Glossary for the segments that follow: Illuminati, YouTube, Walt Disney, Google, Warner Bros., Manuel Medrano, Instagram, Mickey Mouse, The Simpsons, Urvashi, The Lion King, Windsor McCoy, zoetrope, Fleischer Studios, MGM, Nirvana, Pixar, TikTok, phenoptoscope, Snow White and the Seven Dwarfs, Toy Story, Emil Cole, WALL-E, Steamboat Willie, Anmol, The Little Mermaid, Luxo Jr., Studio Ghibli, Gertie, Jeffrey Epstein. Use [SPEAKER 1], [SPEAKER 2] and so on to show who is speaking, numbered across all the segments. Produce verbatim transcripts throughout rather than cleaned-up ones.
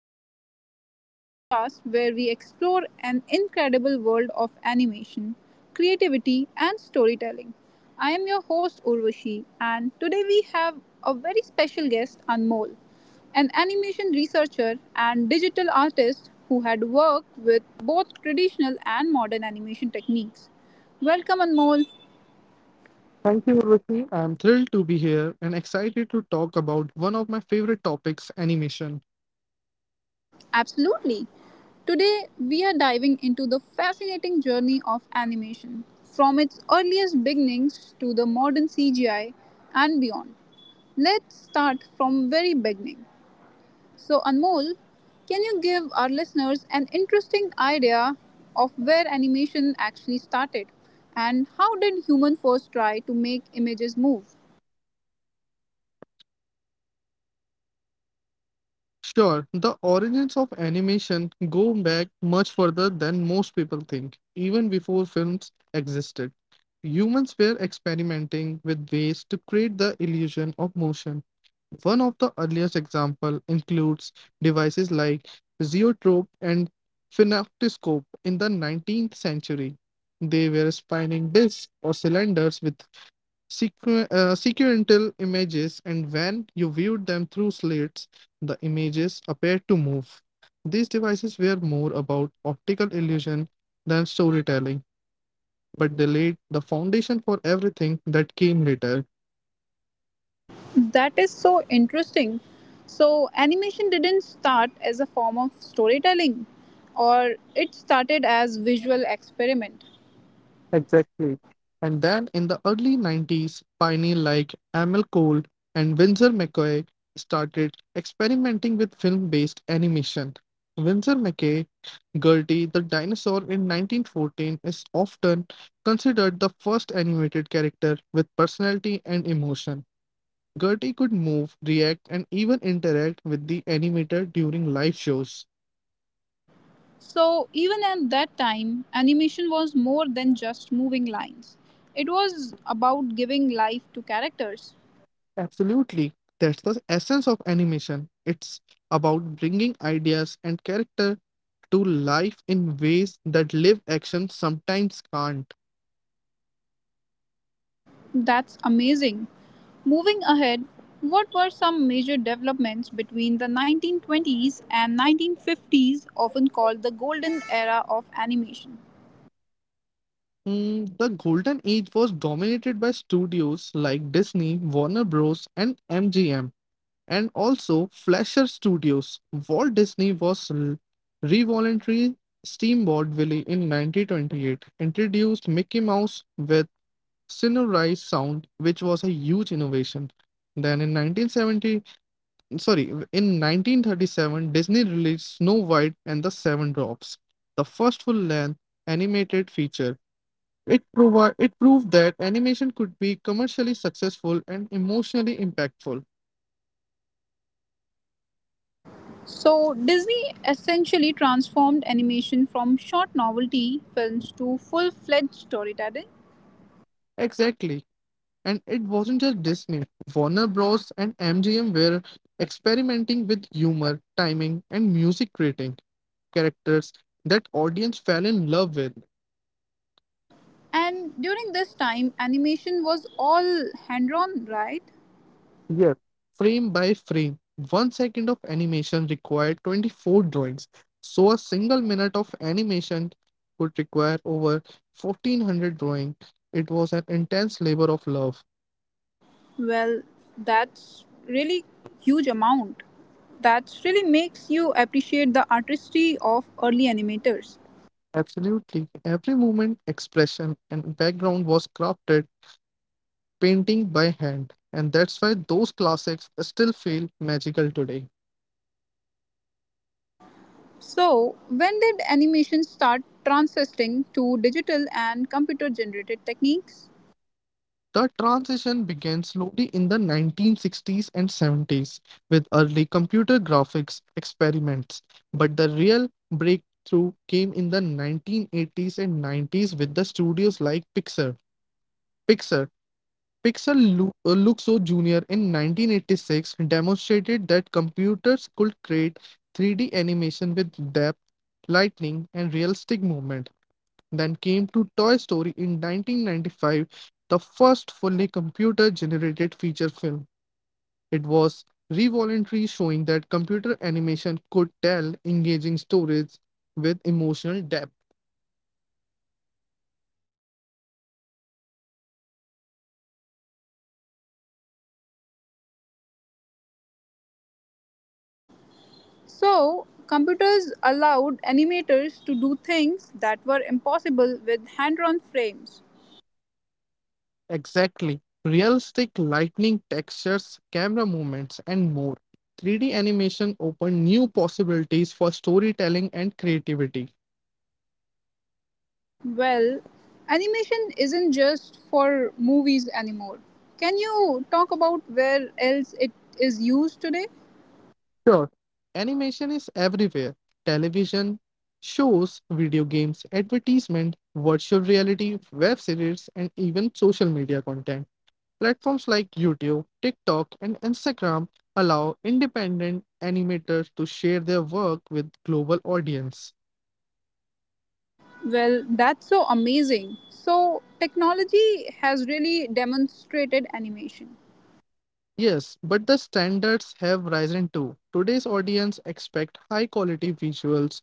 [SPEAKER 1] podcast. It is the podcast where we explore an incredible world of animation, creativity, and storytelling. I am your host, Urvashi, and today we have a very special guest, Anmol, an animation researcher and digital artist who had worked with both traditional and modern animation techniques. Welcome, Anmol.
[SPEAKER 2] Thank you, Urvashi. I'm thrilled to be here and excited to talk about one of my favorite topics, animation.
[SPEAKER 1] Absolutely. Today, we are diving into the fascinating journey of animation, from its earliest beginnings to the modern C G I and beyond. Let's start from very beginning. So, Anmol, can you give our listeners an interesting idea of where animation actually started and how did human first try to make images move?
[SPEAKER 2] Sure, the origins of animation go back much further than most people think, even before films existed. Humans were experimenting with ways to create the illusion of motion. One of the earliest examples includes devices like zoetrope and phenoptoscope in the nineteenth century. They were spinning discs or cylinders with Sequ- uh, sequential images, and when you viewed them through slits, the images appeared to move. These devices were more about optical illusion than storytelling, but they laid the foundation for everything that came later.
[SPEAKER 1] That is so interesting. So, animation didn't start as a form of storytelling, or it started as visual experiment.
[SPEAKER 2] Exactly. And then in the early nineties, pioneers like Emil Cole and Windsor McCoy started experimenting with film based animation. Windsor McCoy Gertie the dinosaur in nineteen fourteen is often considered the first animated character with personality and emotion. Gertie could move, react, and even interact with the animator during live shows.
[SPEAKER 1] So, even at that time, animation was more than just moving lines. It was about giving life to characters.
[SPEAKER 2] Absolutely. That's the essence of animation. It's about bringing ideas and character to life in ways that live action sometimes can't.
[SPEAKER 1] That's amazing. Moving ahead, what were some major developments between the nineteen twenties and nineteen fifties, often called the golden era of animation?
[SPEAKER 2] Mm, the golden age was dominated by studios like Disney, Warner Bros., and M G M, and also Fleischer Studios. Walt Disney was l- revolutionary. Steamboat Willie in nineteen twenty-eight introduced Mickey Mouse with sonorized sound, which was a huge innovation. Then in nineteen seventy, sorry, in nineteen thirty-seven, Disney released Snow White and the Seven Dwarfs, the first full-length animated feature. It, provi- it proved that animation could be commercially successful and emotionally impactful.
[SPEAKER 1] So, Disney essentially transformed animation from short novelty films to full fledged storytelling.
[SPEAKER 2] Exactly. And it wasn't just Disney. Warner Bros. And M G M were experimenting with humor, timing, and music, creating characters that audience fell in love with.
[SPEAKER 1] And during this time, animation was all hand drawn, right?
[SPEAKER 2] Yes. Frame by frame, one second of animation required twenty-four drawings. So a single minute of animation could require over fourteen hundred drawings. It was an intense labor of love.
[SPEAKER 1] Well, that's really huge amount. That really makes you appreciate the artistry of early animators.
[SPEAKER 2] Absolutely. Every movement, expression, and background was crafted painting by hand, and that's why those classics still feel magical today.
[SPEAKER 1] So, when did animation start transitioning to digital and computer generated techniques?
[SPEAKER 2] The transition began slowly in the nineteen sixties and seventies with early computer graphics experiments, but the real breakthrough came in the nineteen eighties and nineties with the studios like Pixar. Pixar Pixar Lu- uh, Luxo Junior in nineteen eighty-six demonstrated that computers could create three D animation with depth, lightning, and realistic movement. Then came to Toy Story in nineteen ninety-five, the first fully computer generated feature film. It was revolutionary, showing that computer animation could tell engaging stories with emotional depth.
[SPEAKER 1] So, computers allowed animators to do things that were impossible with hand drawn frames.
[SPEAKER 2] Exactly. Realistic lighting, textures, camera movements, and more. three D animation opened new possibilities for storytelling and creativity.
[SPEAKER 1] Well, animation isn't just for movies anymore. Can you talk about where else it is used today?
[SPEAKER 2] Sure, animation is everywhere: television, shows, video games, advertisement, virtual reality, web series, and even social media content. Platforms like YouTube, TikTok, and Instagram allow independent animators to share their work with global audience.
[SPEAKER 1] Well, that's so amazing. So, technology has really demonstrated animation.
[SPEAKER 2] Yes, but the standards have risen too. Today's audience expect high quality visuals,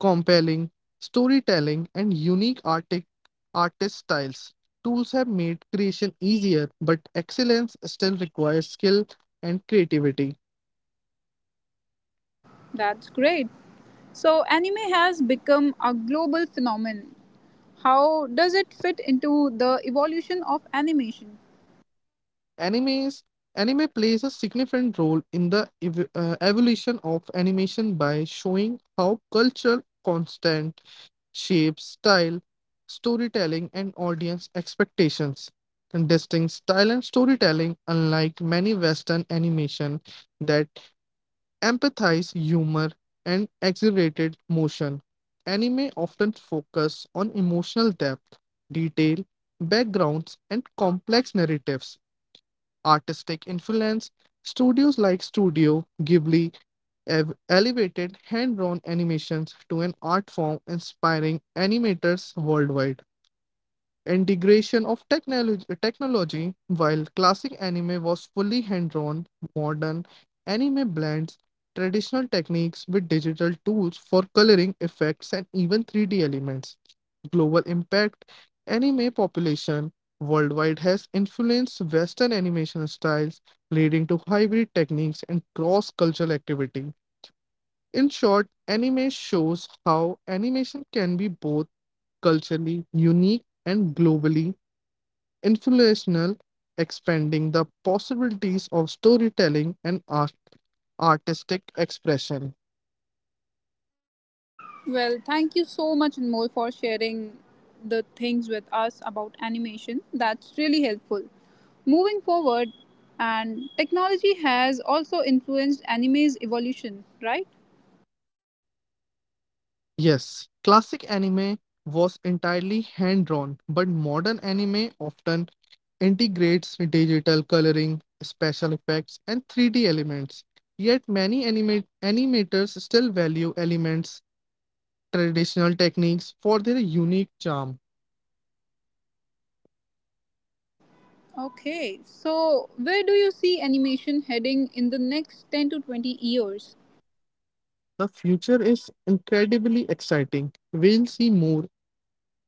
[SPEAKER 2] compelling storytelling, and unique artic- artist styles. Tools have made creation easier, but excellence still requires skill and creativity.
[SPEAKER 1] That's great. So, anime has become a global phenomenon. How does it fit into the evolution of animation?
[SPEAKER 2] Animes Anime plays a significant role in the ev- uh, evolution of animation by showing how culture, constant, shapes style, storytelling, and audience expectations. And distinct style and storytelling, unlike many Western animation that empathize, humor, and exaggerated motion. Anime often focus on emotional depth, detail, backgrounds, and complex narratives. Artistic influence. Studios like Studio Ghibli have elevated hand-drawn animations to an art form, inspiring animators worldwide. Integration of technology, technology: while classic anime was fully hand-drawn, modern anime blends traditional techniques with digital tools for coloring effects and even three D elements. Global impact: anime population worldwide has influenced western animation styles, leading to hybrid techniques and cross-cultural activity. In short, anime shows how animation can be both culturally unique and globally influential, expanding the possibilities of storytelling and art- artistic expression.
[SPEAKER 1] Well, thank you so much, Anmol, for sharing the things with us about animation. That's really helpful. Moving forward, and technology has also influenced anime's evolution, right?
[SPEAKER 2] Yes, classic anime was entirely hand drawn, but modern anime often integrates digital coloring, special effects, and three D elements. Yet many anima- animators still value elements, traditional techniques for their unique charm.
[SPEAKER 1] Okay, so where do you see animation heading in the next ten to twenty years?
[SPEAKER 2] The future is incredibly exciting. We'll see more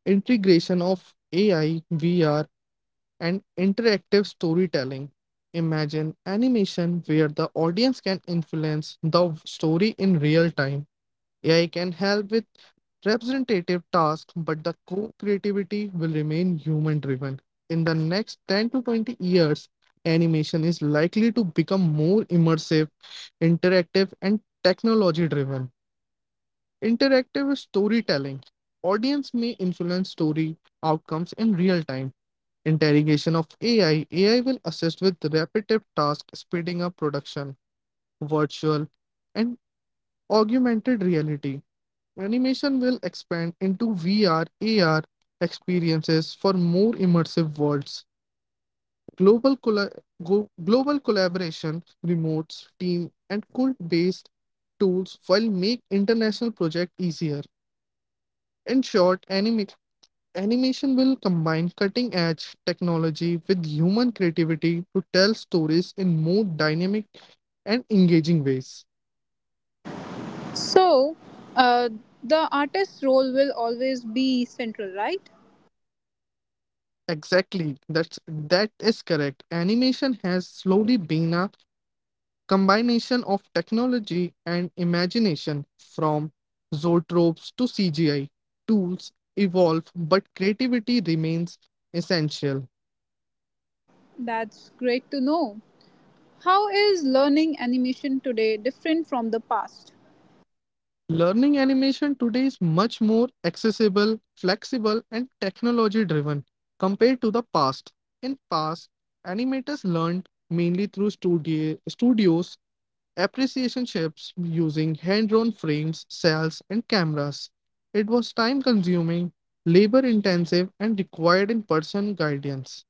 [SPEAKER 2] integration of A I, V R, and interactive storytelling. Imagine animation where the audience can influence the story in real time. A I can help with representative tasks, but the core creativity will remain human driven. In the next ten to twenty years, animation is likely to become more immersive, interactive, and technology driven. Interactive storytelling: audience may influence story outcomes in real time. Interrogation of A I: A I will assist with repetitive tasks, speeding up production. Virtual and augmented reality: animation will expand into V R, A R experiences for more immersive worlds. Global colla- go- global collaboration: remotes, team, and code based tools will make international project easier. In short, animation animation will combine cutting edge technology with human creativity to tell stories in more dynamic and engaging ways.
[SPEAKER 1] So, uh, the artist's role will always be central, right?
[SPEAKER 2] Exactly, that's that is correct. Animation has slowly been a combination of technology and imagination from zoetropes to C G I. Tools evolve, but creativity remains essential.
[SPEAKER 1] That's great to know. How is learning animation today different from the past?
[SPEAKER 2] Learning animation today is much more accessible, flexible and technology driven compared to the past. In past, animators learned mainly through studio, studios, appreciation chips using hand-drawn frames, cells and cameras. It was time consuming, labor intensive and required in-person guidance.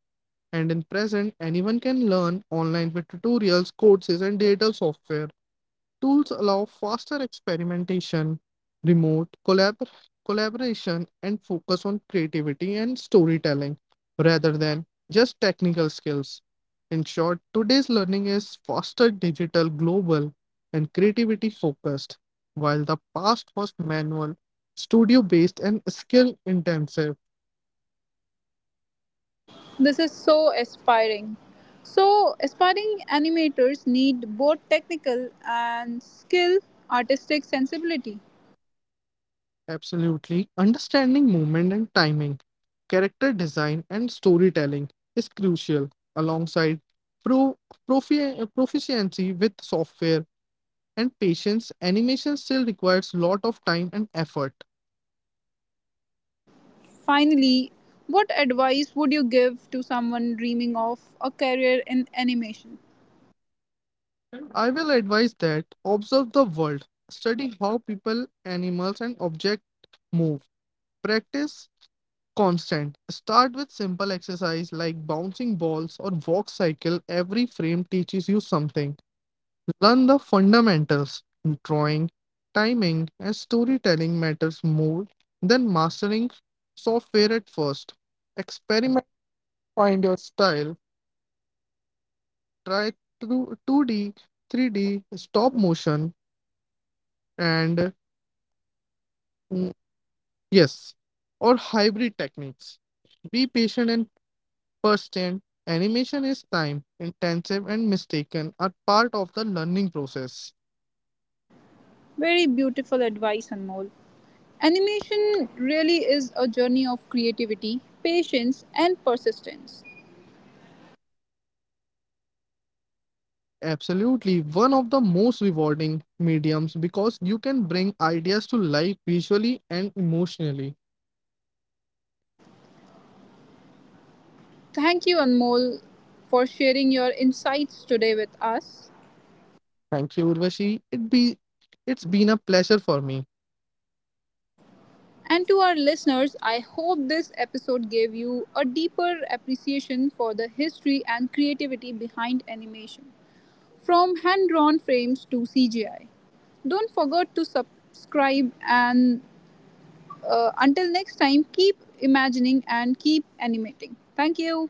[SPEAKER 2] And in present, anyone can learn online with tutorials, courses and digital software. Tools allow faster experimentation, remote collabor- collaboration, and focus on creativity and storytelling rather than just technical skills. In short, today's learning is faster, digital, global, and creativity focused, while the past was manual, studio based, and skill intensive.
[SPEAKER 1] This is so aspiring. So, aspiring animators need both technical and skill, artistic sensibility.
[SPEAKER 2] Absolutely. Understanding movement and timing, character design, and storytelling is crucial, alongside pro- profi- proficiency with software and patience. Animation still requires lot of time and effort.
[SPEAKER 1] Finally, what advice would you give to someone dreaming of a career in animation?
[SPEAKER 2] I will advise that observe the world, study how people, animals, and objects move. Practice constant. Start with simple exercise like bouncing balls or walk cycle. Every frame teaches you something. Learn the fundamentals. Drawing, timing, and storytelling matters more than mastering software at first. Experiment, find your style. Try through two D, three D, stop motion, and mm, yes, or hybrid techniques. Be patient and persistent. Animation is time intensive and mistaken are part of the learning process.
[SPEAKER 1] Very beautiful advice, Anmol. Animation really is a journey of creativity, patience, and persistence.
[SPEAKER 2] Absolutely, one of the most rewarding mediums because you can bring ideas to life visually and emotionally.
[SPEAKER 1] Thank you, Anmol, for sharing your insights today with us.
[SPEAKER 2] Thank you, Urvashi. It be it's been a pleasure for me.
[SPEAKER 1] And to our listeners, I hope this episode gave you a deeper appreciation for the history and creativity behind animation, from hand drawn frames to C G I. Don't forget to subscribe and uh, until next time, keep imagining and keep animating. Thank you.